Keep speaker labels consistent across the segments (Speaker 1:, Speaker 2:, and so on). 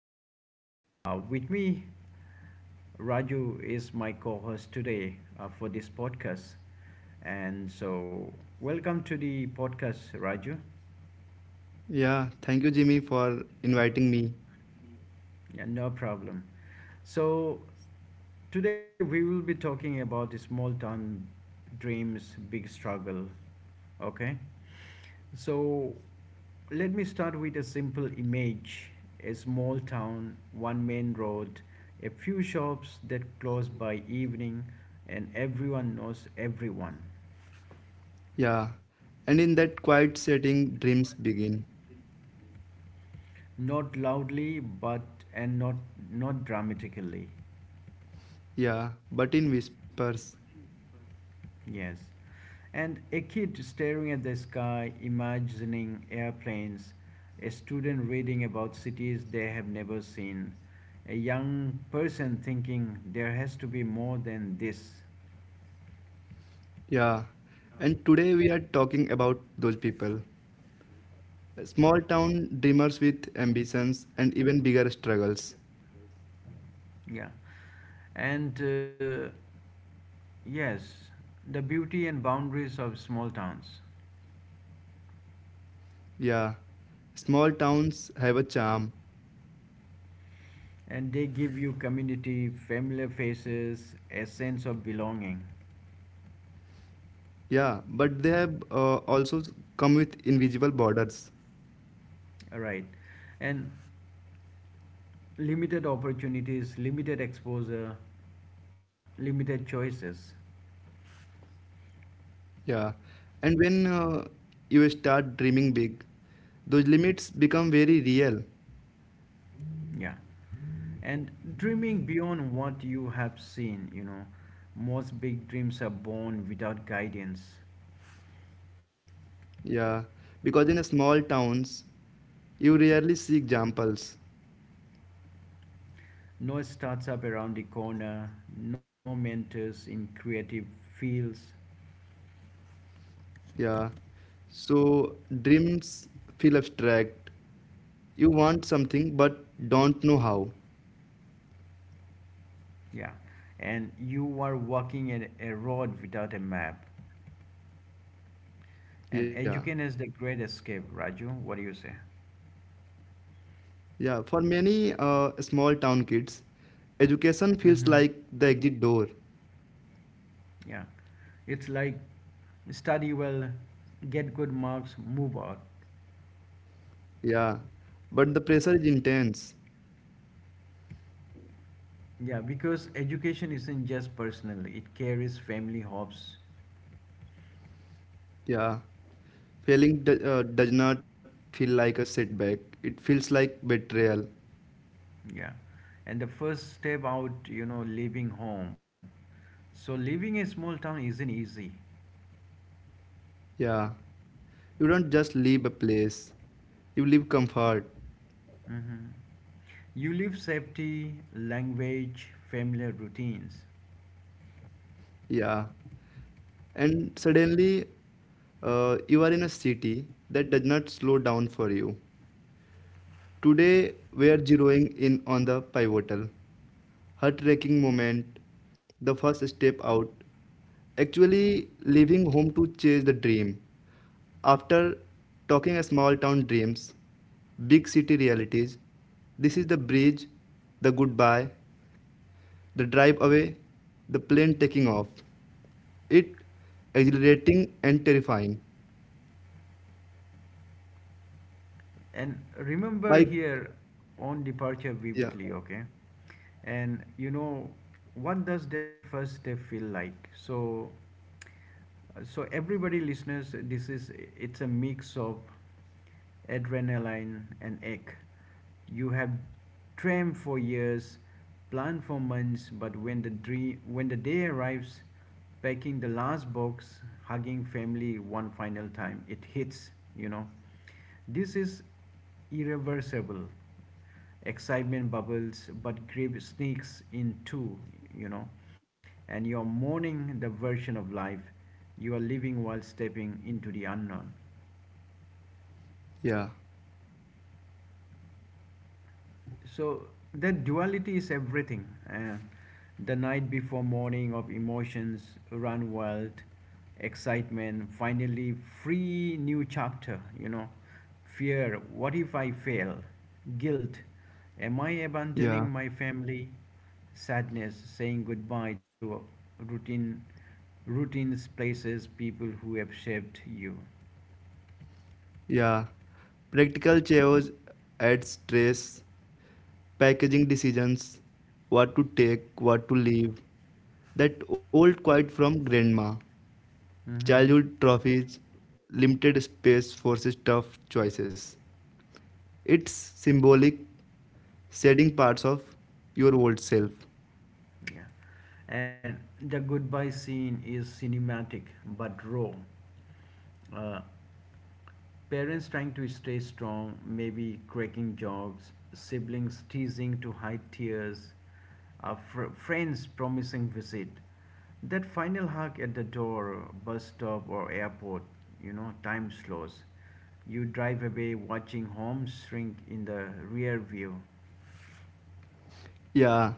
Speaker 1: and with me, Raju is my co host today for this podcast. And so, welcome to the podcast, Raju.
Speaker 2: Yeah, thank you, Jimmy, for inviting me.
Speaker 1: Yeah, no problem. So, today we will be talking about the small town dreams, big struggle. Okay? So, let me start with a simple image, a small town, one main road, a few shops that close by evening, and everyone knows everyone.
Speaker 2: Yeah, and in that quiet setting, dreams begin.
Speaker 1: Not loudly, but and not dramatically.
Speaker 2: Yeah, but in whispers.
Speaker 1: Yes. And a kid staring at the sky, imagining airplanes, a student reading about cities they have never seen, a young person thinking there has to be more than this.
Speaker 2: Yeah, and today we are talking about those people small town dreamers with ambitions and even bigger struggles.
Speaker 1: Yeah. And uh, yes, the beauty and boundaries of small towns.
Speaker 2: Yeah, small towns have a charm.
Speaker 1: And they give you community, familiar faces, a sense of belonging.
Speaker 2: Yeah, but they have also come with invisible borders.
Speaker 1: All right. And limited opportunities, limited exposure, limited choices,
Speaker 2: Yeah. And when you start dreaming big, those limits become very real.
Speaker 1: yeah, and dreaming beyond what you have seen, most big dreams are born without guidance,
Speaker 2: Yeah. Because in small towns, you rarely see examples.
Speaker 1: no startup around the corner, no mentors in creative fields,
Speaker 2: Yeah. So dreams feel abstract. You want something but don't know how.
Speaker 1: yeah, and you are walking at a road without a map. And
Speaker 2: Yeah.
Speaker 1: education is the great escape, Raju, what do you say?
Speaker 2: Yeah. For many small town kids, education feels
Speaker 1: Mm-hmm.
Speaker 2: like the exit door.
Speaker 1: Yeah, it's like study well, get good marks, move out.
Speaker 2: Yeah. But the pressure is intense.
Speaker 1: Yeah, because education isn't just personal, it carries family hopes.
Speaker 2: Yeah. Failing does not feel like a setback. It feels like betrayal.
Speaker 1: Yeah. And the first step out, you know, leaving home. So leaving a small town isn't easy.
Speaker 2: Yeah. You don't just leave a place. You leave comfort.
Speaker 1: Hmm. You leave safety, language, familiar routines.
Speaker 2: Yeah. And suddenly, you are in a city that does not slow down for you. Today, we are zeroing in on the pivotal, heartbreaking moment, the first step out, actually leaving home to chase the dream. After talking small town dreams, big city realities, this is the bridge, the goodbye, the drive away, the plane taking off. It exhilarating and terrifying.
Speaker 1: And remember
Speaker 2: My
Speaker 1: here on departure
Speaker 2: yeah,
Speaker 1: vividly, okay? And you know, what does that first step feel like? So everybody listeners, this is, it's a mix of adrenaline and ache. You have dreamed for years, planned for months, but when the dream when the day arrives, packing the last box, hugging family one final time, it hits, you know, this is irreversible. Excitement bubbles, but grief sneaks in too, you know. And you're mourning the version of life you are living while stepping into the unknown.
Speaker 2: yeah,
Speaker 1: So that duality is everything. The night before morning of emotions run wild, excitement, finally free new chapter, you know. Fear, what if I fail? Guilt, am I abandoning
Speaker 2: yeah,
Speaker 1: my family? Sadness, saying goodbye to routine, routines, places, people who have shaped you.
Speaker 2: yeah. Practical chaos adds stress. Packaging decisions, what to take, what to leave. That old quote from grandma,
Speaker 1: Hmm.
Speaker 2: childhood trophies, limited space forces tough choices. It's symbolic, shedding parts of your old self.
Speaker 1: Yeah, and the goodbye scene is cinematic but raw. Uh, Parents trying to stay strong, maybe cracking jokes, siblings teasing to hide tears, friends promising visit. That final hug at the door, bus stop, or airport, you know, time slows. You drive away watching homes shrink in the rear view.
Speaker 2: Yeah,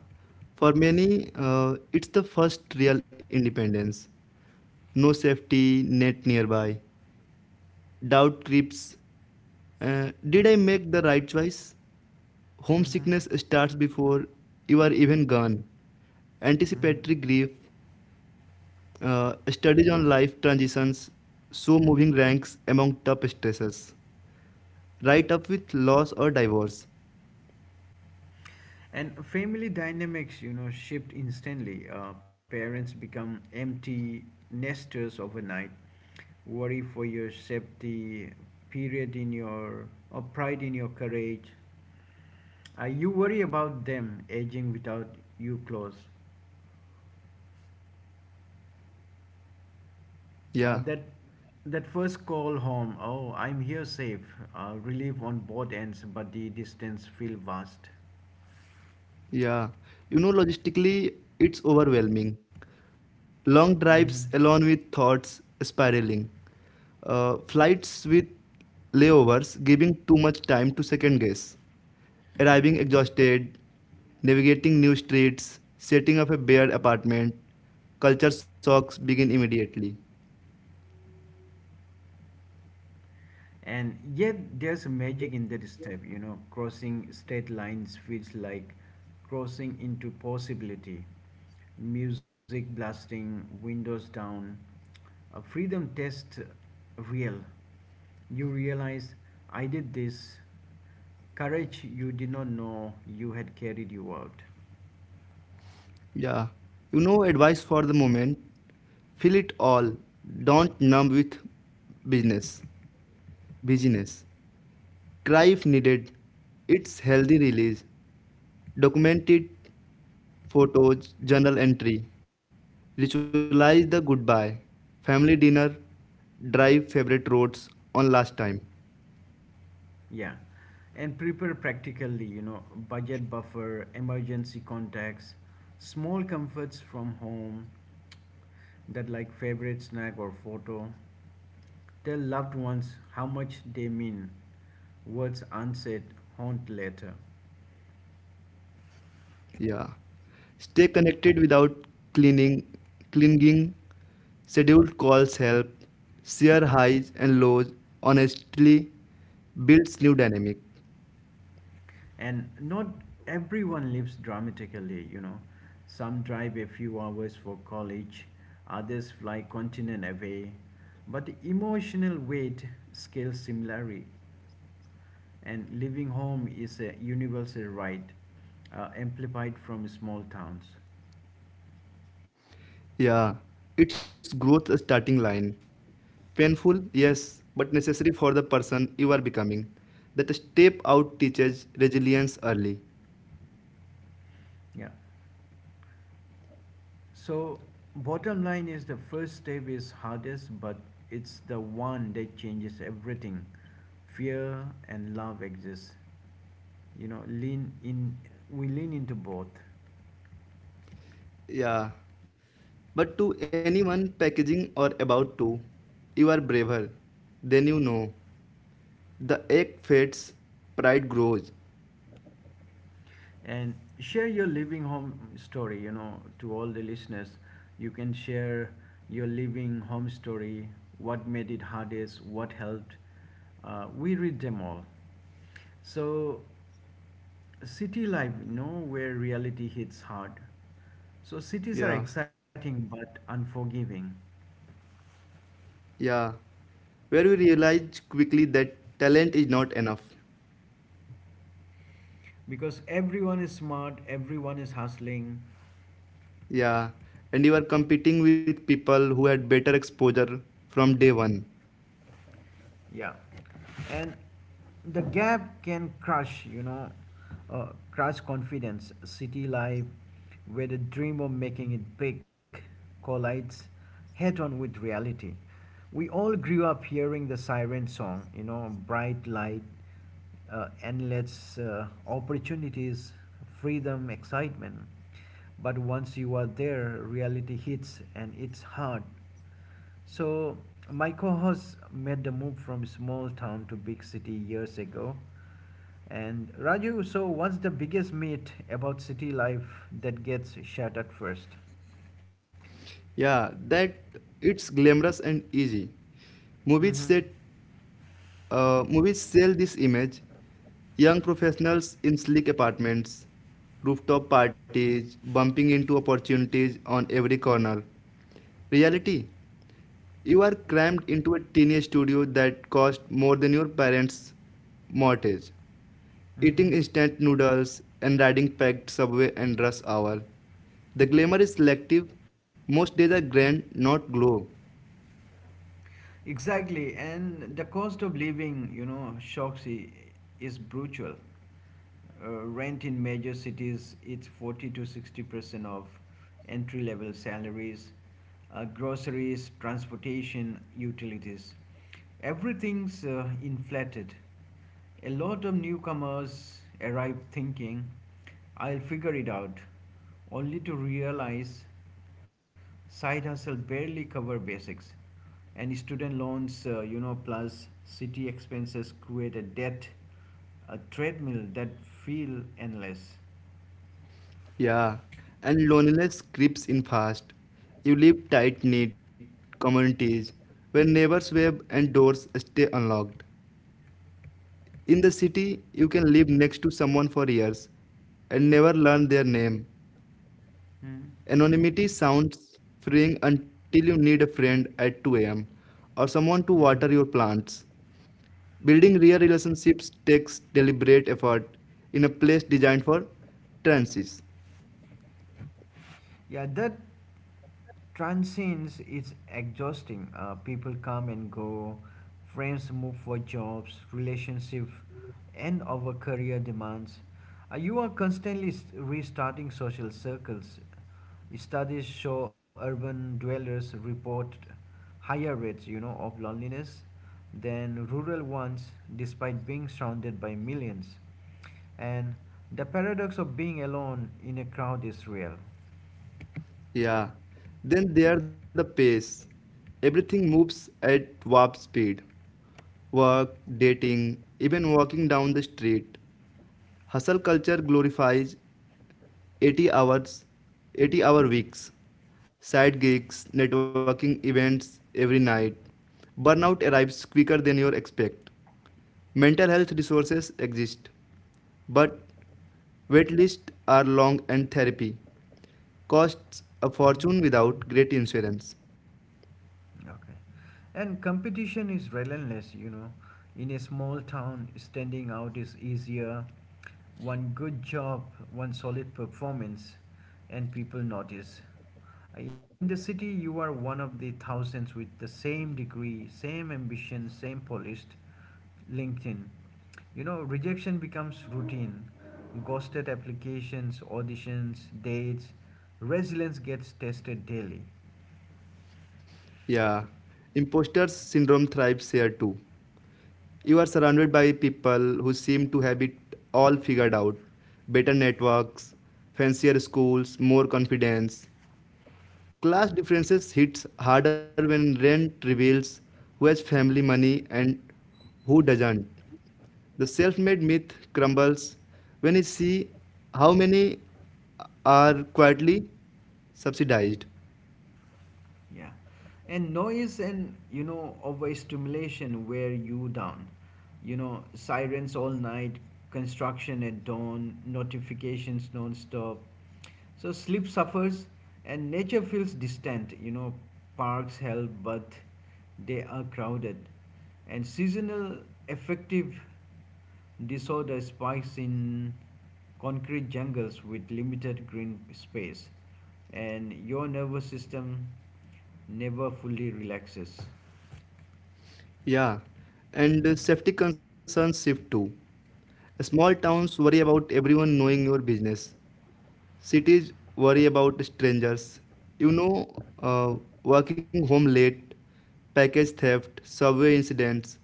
Speaker 2: for many, it's the first real independence. No safety net nearby. Doubt creeps. Did I make the right choice?
Speaker 1: Mhm.
Speaker 2: Homesickness starts before you are even gone.
Speaker 1: Mhm.
Speaker 2: Anticipatory grief, studies on life transitions, so moving ranks among top stresses. Right up with loss or divorce.
Speaker 1: And family dynamics, you know, shift instantly. Parents become empty nesters overnight. Worry for your safety, period in your, or pride in your courage. You worry about them aging without you close. Uh,
Speaker 2: Yeah,
Speaker 1: that that first call home. Oh, I'm here safe. Relief on both ends, but the distance feel vast.
Speaker 2: yeah. You know, logistically, it's overwhelming. Long
Speaker 1: Mm-hmm.
Speaker 2: drives alone with thoughts spiraling. Flights with layovers giving too much time to second guess. Arriving exhausted, navigating new streets, setting up a bare apartment, culture shocks begin immediately.
Speaker 1: And yet, there's a magic in that step, you know, crossing state lines feels like crossing into possibility. Music blasting, windows down, a freedom test real. You realize, I did this. Courage you did not know you had carried you out.
Speaker 2: Yeah. You know, advice for the moment, feel it all. Don't numb with business. Busyness. Cry if needed. It's healthy release. Document it. Photos, journal entry. Ritualize the goodbye. Family dinner. Drive favorite roads on last time.
Speaker 1: Yeah. And prepare practically, you know, budget buffer, emergency contacts, small comforts from home, that like favorite snack or photo. Tell loved ones how much they mean. Words unsaid haunt later.
Speaker 2: Yeah. Stay connected without cleaning, clinging. Scheduled calls help. Share highs and lows. Honestly, builds new dynamic.
Speaker 1: And not everyone lives dramatically, you know. Some drive a few hours for college, others fly continent away. But the emotional weight scales similarly, and leaving home is a universal right, amplified from small towns.
Speaker 2: Yeah. It's growth starting line. Painful, yes, but necessary for the person you are becoming. That step out teaches resilience early.
Speaker 1: Yeah. So, bottom line is the first step is hardest, but it's the one that changes everything. Fear and love exist. You know, lean in. We lean into both.
Speaker 2: Yeah. But to anyone packaging or about to, you are braver than you know. The egg fades, pride grows.
Speaker 1: And share your living home story, you know, to all the listeners, you can share your living home story, what made it hardest, what helped. We read them all. So city life, you know, where reality hits hard. So cities are
Speaker 2: Yeah,
Speaker 1: exciting but unforgiving,
Speaker 2: yeah. Where you realize quickly that talent is not enough.
Speaker 1: because everyone is smart, everyone is hustling.
Speaker 2: Yeah, and you are competing with people who had better exposure from day one.
Speaker 1: Yeah, and the gap can crush, you know, crush confidence. City life, where the dream of making it big collides head on with reality. We all grew up hearing the siren song, you know, bright light, endless opportunities, freedom, excitement. But once you are there, reality hits and it's hard. So, my co host made the move from small town to big city years ago. And Raju, so what's the biggest myth about city life that gets shattered first?
Speaker 2: Yeah, that it's glamorous and easy. Movies
Speaker 1: Mm-hmm.
Speaker 2: set, movies sell this image. Young professionals in sleek apartments, rooftop parties, bumping into opportunities on every corner. Reality. You are crammed into a tiny studio that costs more than your parents' mortgage.
Speaker 1: Mm-hmm.
Speaker 2: Eating instant noodles and riding packed subway and rush hour. The glamour is selective. Most days are grand, not glow.
Speaker 1: Exactly, and the cost of living, you know, is brutal. Rent in major cities, it's 40 to 60% of entry level salaries, groceries, transportation, utilities. Everything's inflated. A lot of newcomers arrive thinking, I'll figure it out, only to realize side hustle barely cover basics, and student loans, you know, plus city expenses create a debt, a treadmill that feel endless.
Speaker 2: Yeah, and loneliness creeps in fast. You live tight-knit communities where neighbors wave and doors stay unlocked. In the city, you can live next to someone for years and never learn their name. Anonymity sounds freeing until you need a friend at 2 a.m. or someone to water
Speaker 1: Mm-hmm.
Speaker 2: your plants. Building real relationships takes deliberate effort in a place designed for trances.
Speaker 1: Yeah, that transcends is exhausting. People come and go, friends move for jobs, relationships, and our career demands. You are constantly restarting social circles. Studies show urban dwellers report higher rates, you know, of loneliness than rural ones, despite being surrounded by millions. And the paradox of being alone in a crowd is real.
Speaker 2: Yeah. Then there the pace. Everything moves at warp speed. Work,
Speaker 1: Mm-hmm.
Speaker 2: dating, even walking down the street. Hustle culture glorifies 80 hours, 80-hour weeks, side gigs, networking events every night. Burnout arrives quicker than you expect. Mental health resources exist, but waitlists are long and therapy costs a fortune without great insurance.
Speaker 1: Okay. And competition is relentless, you know. In a small town, standing out is easier. One good job, one solid performance, and people notice. In the city, you are one of the thousands with the same degree, same ambition, same polished LinkedIn. You know, rejection becomes routine. Ghosted applications, auditions, dates, resilience gets tested daily.
Speaker 2: Yeah, imposter syndrome thrives here too. You are surrounded by people who seem to have it all figured out, better networks, fancier schools, more confidence. Class differences hits harder when rent reveals who has family money and who doesn't. The self made myth crumbles when you see how many are quietly subsidized.
Speaker 1: Yeah. And noise and, you know, overstimulation wear you down. You know, sirens all night, construction at dawn, notifications non stop. So sleep suffers and nature feels distant. You know, parks help, but they are crowded. And seasonal affective disorder spikes in concrete jungles with limited green space, and your nervous system never fully relaxes.
Speaker 2: Yeah, and safety concerns shift too. Small towns worry about everyone knowing your business. Cities worry about strangers. You know, uh, working home late, package theft, subway incidents,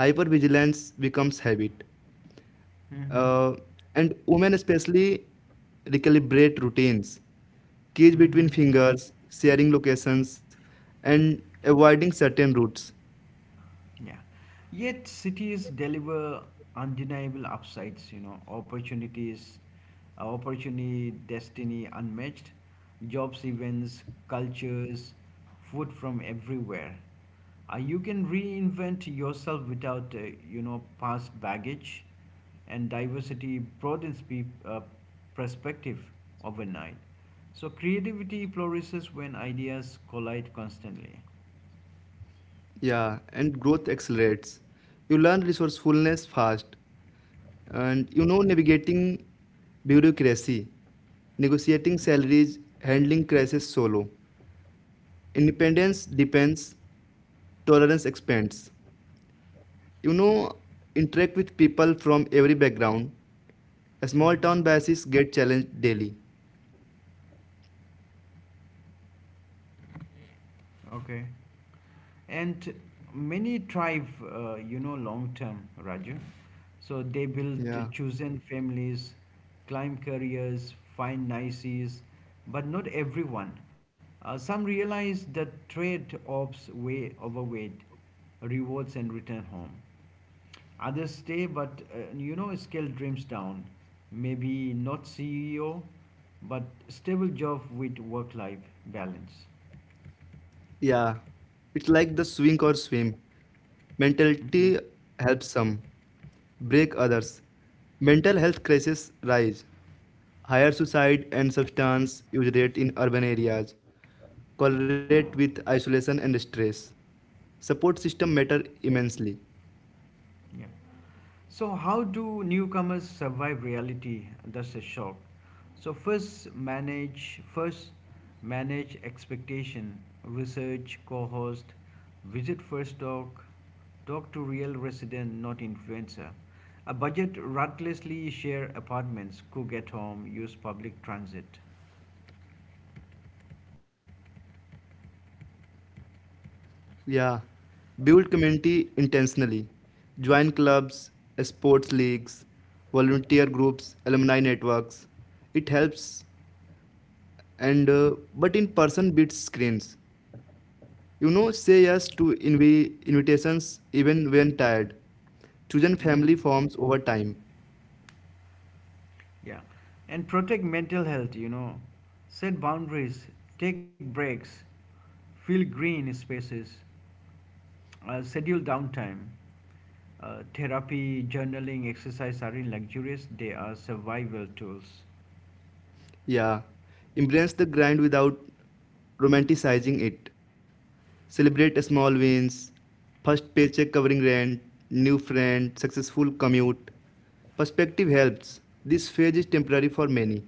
Speaker 2: hypervigilance becomes habit.
Speaker 1: Mm-hmm.
Speaker 2: Uh, and women especially recalibrate routines, keys
Speaker 1: Mm-hmm.
Speaker 2: between fingers, sharing locations, and avoiding certain routes.
Speaker 1: Yeah. Yet cities deliver undeniable upsides, you know, opportunities, opportunity, destiny unmatched, jobs, events, cultures, food from everywhere. You can reinvent yourself without, you know, past baggage, and diversity broadens perspective overnight. So creativity flourishes when ideas collide constantly.
Speaker 2: Yeah, and growth accelerates. You learn resourcefulness fast. And you know, navigating bureaucracy, negotiating salaries, handling crisis solo. Independence depends, tolerance expands. You know, interact with people from every background. Small town biases get challenged daily.
Speaker 1: Okay. And many thrive, you know, long term, Raju. So they build
Speaker 2: Yeah.
Speaker 1: chosen families, climb careers, find nices, but not everyone. Some realize the trade offs way overweight, rewards and return home. Others stay, but you know, scale dreams down. Maybe not CEO, but stable job with work life balance.
Speaker 2: Yeah, it's like the swing or swim.
Speaker 1: Hmm.
Speaker 2: Mentality helps some, break others. Mental health crises rise. Higher suicide and substance use rate in urban areas. Correlate with isolation and stress. Support system matter immensely.
Speaker 1: Yeah. So, how do newcomers survive reality? That's a shock. So, first manage expectation, research, co-host, visit first talk, talk to real resident, not influencer. A budget ruthlessly share apartments, cook at home, use public transit.
Speaker 2: Yeah, build community intentionally. Join clubs, sports leagues, volunteer groups, alumni networks. It helps and but in person beats screens. You know, say yes to invitations even when tired. Chosen
Speaker 1: Mhm.
Speaker 2: family forms over time.
Speaker 1: Yeah, and protect mental health. You know, set boundaries, take breaks, fill green spaces. Schedule downtime. Therapy, journaling, exercise are in luxurious, they are survival tools.
Speaker 2: Yeah, embrace the grind without romanticizing it. Celebrate small wins, first paycheck covering rent, new friend, successful commute. Perspective helps, this phase is temporary for many.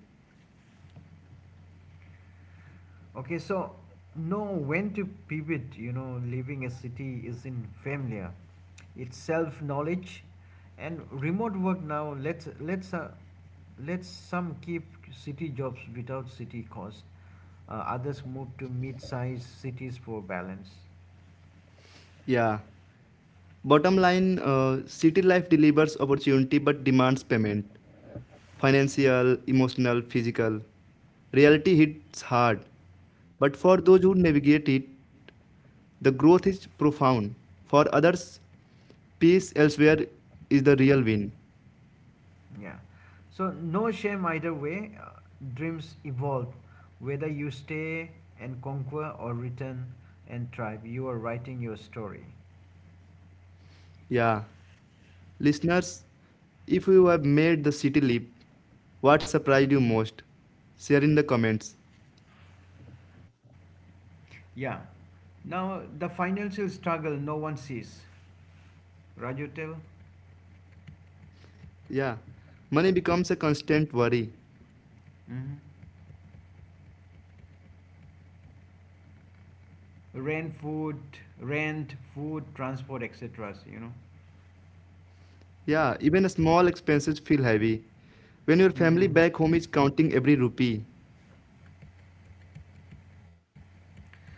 Speaker 1: Okay, so know when to pivot. You know, leaving a city isn't familiar. It's self knowledge, and remote work now. Let's some keep city jobs without city cost. Others move to mid-sized cities for balance.
Speaker 2: Yeah, bottom line city life delivers opportunity but demands payment, financial, emotional, physical. Reality hits hard, but for those who navigate it, the growth is profound. For others, peace elsewhere is the real win.
Speaker 1: Yeah. So no shame either way. Dreams evolve. Whether you stay and conquer or return and thrive, you are writing your story.
Speaker 2: Yeah. Listeners, if you have made the city leap, what surprised you most? Share in the comments.
Speaker 1: Yeah. Now the financial struggle no one sees. Raju tell.
Speaker 2: Yeah. Money becomes a constant worry.
Speaker 1: Hmm. Rent, food, rent, food, transport, etc. You know.
Speaker 2: Yeah, even a small expenses feel heavy. When your family
Speaker 1: Hmm.
Speaker 2: back home is counting every rupee.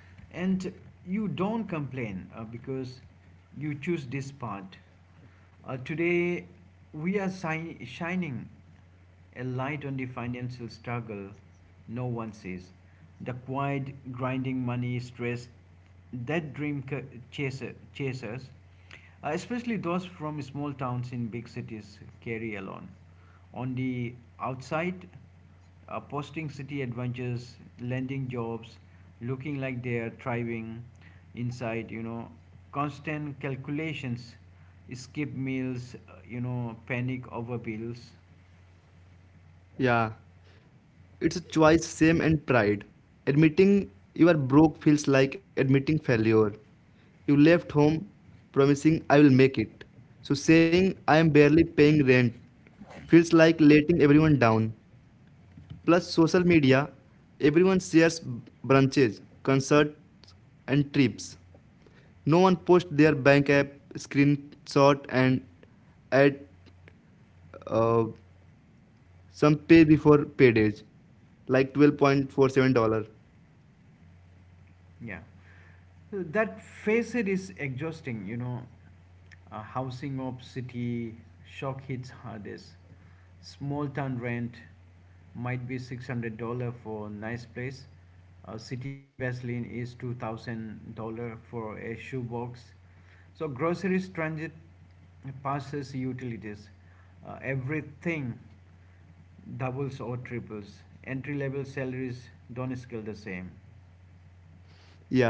Speaker 1: And you don't complain because you choose this part. Today we are shining a light on the financial struggle no one sees. The quiet, grinding money stress that chasers, especially those from small towns in big cities, carry alone. On the outside, posting city adventures, landing jobs, looking like they are thriving. Inside, you know, constant calculations, skip meals, you know, panic over bills.
Speaker 2: Yeah. It's a choice, shame, and pride. Admitting you are broke feels like admitting failure. You left home promising I will make it. So saying I am barely paying rent feels like letting everyone down. Plus, social media, everyone shares brunches, concerts, and trips. No one posts their bank app screenshot and add uh, some pay before paydays, like $12.47.
Speaker 1: Yeah. So that phase is exhausting, you know. A housing of city shock hits hardest. Small town rent might be $600 for nice place. A city Vaseline is $2,000 for a shoebox. So groceries, transit, passes, utilities, everything doubles or triples. Entry level salaries don't scale the same.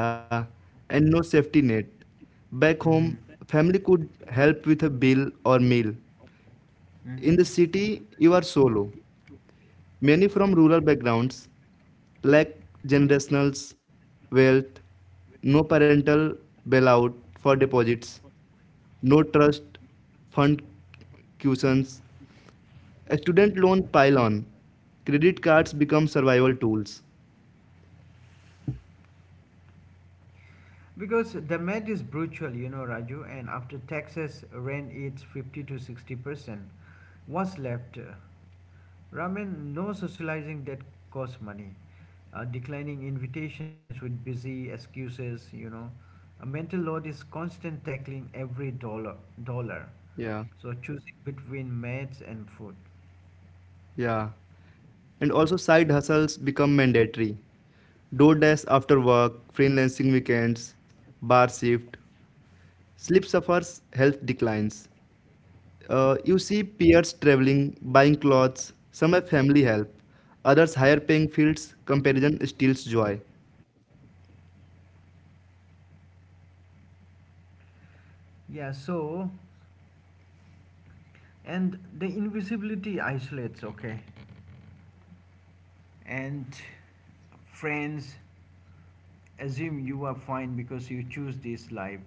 Speaker 2: Yeah, and no safety net. Back home,
Speaker 1: Mm-hmm.
Speaker 2: family could help with a bill or meal. In
Speaker 1: Mhm.
Speaker 2: the city, you are solo. Many from rural backgrounds lack generational wealth, no parental bailout for deposits, no trust fund cushions. A student loan pile on. Credit cards become survival tools.
Speaker 1: Because damage is brutal, you know, Raju. And after taxes, rent eats 50 to 60%. What's left? Ramen, no socializing that costs money. Declining invitations with busy excuses, you know. A mental load is constant tackling every dollar.
Speaker 2: Yeah,
Speaker 1: So choosing between mates and food.
Speaker 2: yeah. And also, side hustles become mandatory. DoorDash after work, freelancing weekends, bar shift. Sleep suffers, health declines. You see peers traveling, buying clothes, some have family help, others higher paying fields, comparison steals joy.
Speaker 1: Yeah, so, and the invisibility isolates, okay? And friends assume you are fine because you choose this life.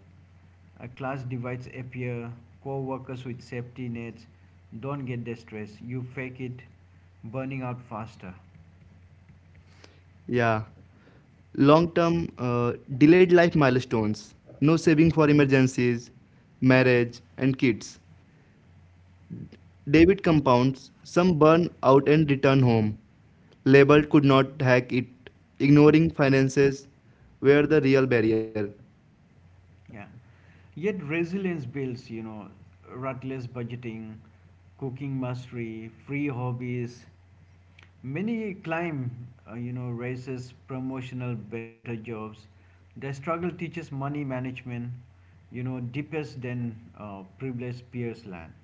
Speaker 1: A class divides appear, co-workers with safety nets don't get the stress. You fake it, burning out faster.
Speaker 2: Yeah. Long term, delayed life milestones, no saving for
Speaker 1: Mhm.
Speaker 2: emergencies, marriage, and kids. David compounds, some burn out and return home. Label could not hack it, ignoring finances were the real barrier.
Speaker 1: Yeah. Yet resilience builds, you know, ruthless budgeting, cooking mastery, free hobbies. Many climb, you know, races, promotional, better jobs. The struggle teaches money management, you know, deepest than privileged peers land.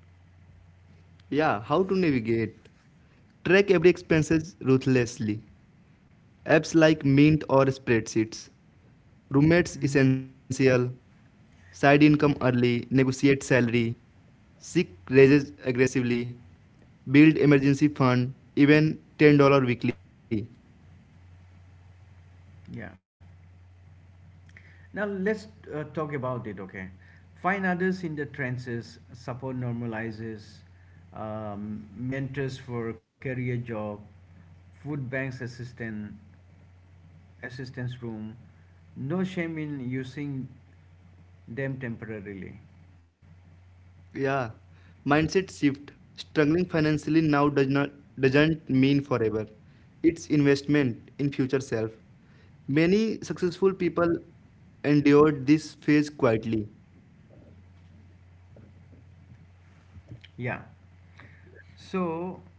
Speaker 2: Yeah, how to navigate? Track every expenses ruthlessly. Apps like Mint or spreadsheets. Roommates
Speaker 1: Hmm.
Speaker 2: essential. Side income early. Negotiate salary. Seek raises aggressively. Build emergency fund. Even $10 weekly.
Speaker 1: Yeah. Now let's talk about it, okay? Find others in the trenches, support normalizes, mentors for career job, food banks assistant, assistance room. No shame in using them temporarily.
Speaker 2: Yeah, mindset shift. Struggling financially now doesn't mean forever. It's investment in future self. Many successful people endured this phase quietly.
Speaker 1: Yeah. So,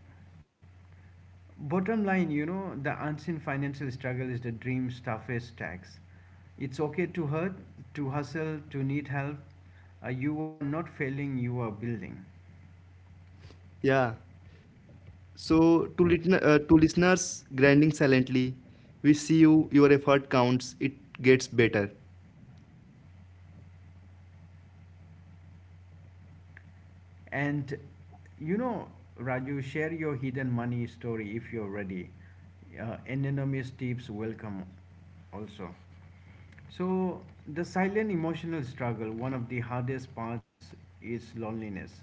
Speaker 1: bottom line, you know, the unseen financial struggle is the dream's toughest tax. It's okay to hurt, to hustle, to need help. You are not failing, you are building.
Speaker 2: Yeah. So to listeners grinding silently, we see you. Your effort counts. It gets better.
Speaker 1: And, you know, Raju, share your hidden money story if you're ready. Anonymous tips welcome also. So, the silent emotional struggle, one of the hardest parts is loneliness.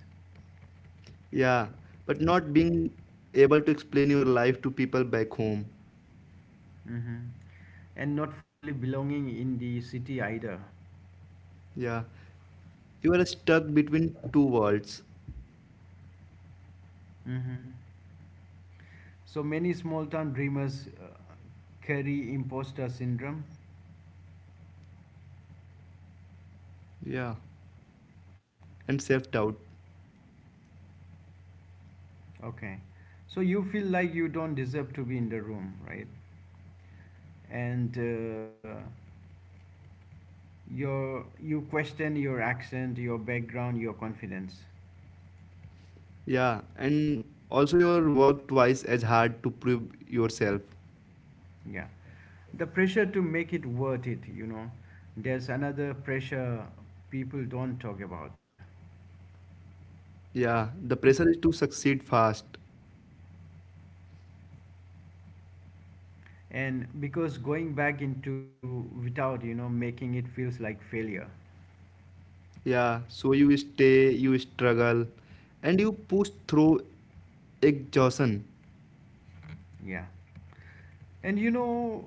Speaker 2: Yeah, but not being able to explain your life to people back home.
Speaker 1: Mhm. And not fully belonging in the city either.
Speaker 2: Yeah, you are stuck between two worlds.
Speaker 1: Mhm. So, many small town dreamers carry imposter syndrome.
Speaker 2: Yeah, and self doubt.
Speaker 1: Okay. So, you feel like you don't deserve to be in the room, right? And uh, you question your accent, your background, your confidence.
Speaker 2: Yeah, and also your work twice as hard to prove yourself.
Speaker 1: Yeah. The pressure to make it worth it, you know, there's another pressure people don't talk about.
Speaker 2: Yeah, the pressure is to succeed fast.
Speaker 1: And because going back into without, you know, making it feels like failure.
Speaker 2: Yeah, so you stay, you struggle, and you push through exhaustion.
Speaker 1: Yeah, and you know,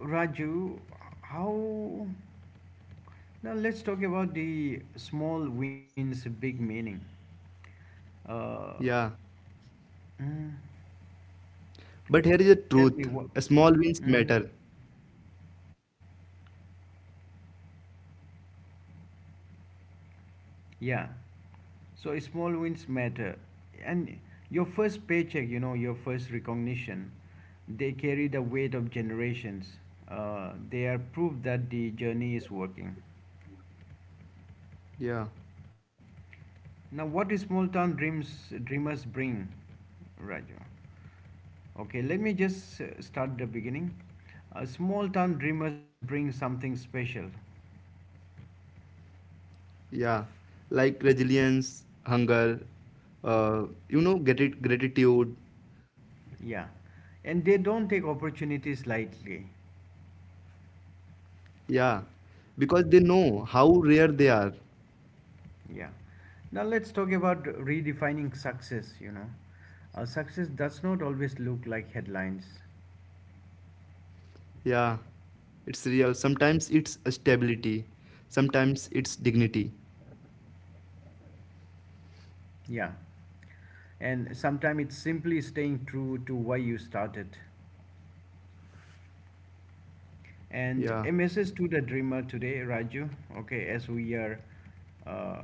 Speaker 1: Raju, how now let's talk about the small wins big meaning. uh
Speaker 2: Yeah,
Speaker 1: mm,
Speaker 2: but here is the
Speaker 1: tell me
Speaker 2: truth
Speaker 1: what.
Speaker 2: a small wins
Speaker 1: Mhm.
Speaker 2: matter.
Speaker 1: Yeah. So small wins matter. And your first paycheck, you know, your first recognition, they carry the weight of generations. They are proof that the journey is working.
Speaker 2: Yeah,
Speaker 1: Now, what do small town dreams dreamers bring, Raju? Okay, let me just start the beginning. Small town dreamers bring something special.
Speaker 2: yeah, like resilience, hunger, uh, you know, gratitude.
Speaker 1: Yeah. And they don't take opportunities lightly.
Speaker 2: Yeah, because they know how rare they are.
Speaker 1: Yeah. Now let's talk about redefining success, you know. Success does not always look like headlines.
Speaker 2: Yeah, it's real. Sometimes it's a stability, sometimes it's dignity.
Speaker 1: Yeah. And sometimes it's simply staying true to why you started. And
Speaker 2: Yeah,
Speaker 1: a message to the dreamer today, Raju. Okay, as we are uh,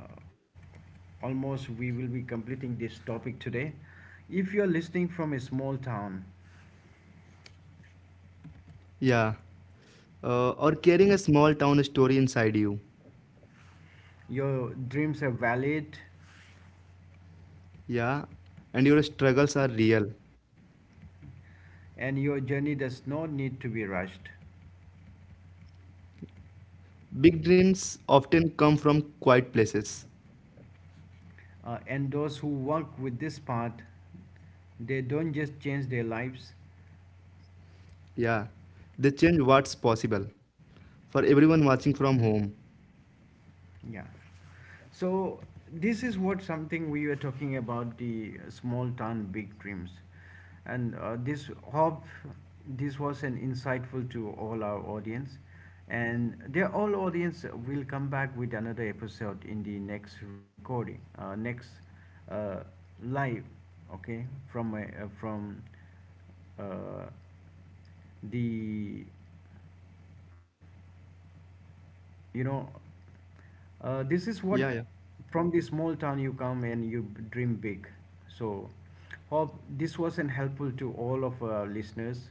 Speaker 1: almost, we will be completing this topic today. If you're listening from a small town,
Speaker 2: yeah. Or carrying a small town story inside you.
Speaker 1: your dreams are valid
Speaker 2: Yeah, and your struggles are real.
Speaker 1: and your journey does not need to be rushed.
Speaker 2: Big dreams often come from quiet places.
Speaker 1: And those who work with this path, they don't just change their lives.
Speaker 2: Yeah, they change what's possible. For everyone watching
Speaker 1: Mhm.
Speaker 2: from home.
Speaker 1: Yeah. So this is what something we were talking about the small town big dreams, and this hope this was an insightful to all our audience, and their all audience will come back with another episode in the next recording, next uh, live, okay, from uh, the you know this is what
Speaker 2: Yeah, yeah,
Speaker 1: from the small town you come and you dream big. So hope this was an helpful to all of our listeners.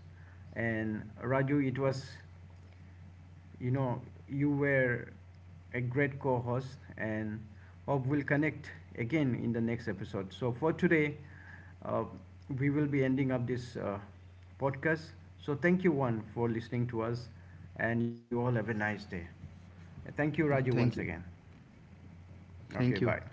Speaker 1: And Raju, it was, you know, you were a great co-host, and hope we'll connect again in the next episode. So for today, uh, we will be ending up this podcast. So thank you one for listening to us, and you all have a nice day. Thank you,
Speaker 2: yeah.
Speaker 1: Raju, once
Speaker 2: Thank you.
Speaker 1: again.
Speaker 2: Thank
Speaker 1: Okay,
Speaker 2: you.
Speaker 1: bye.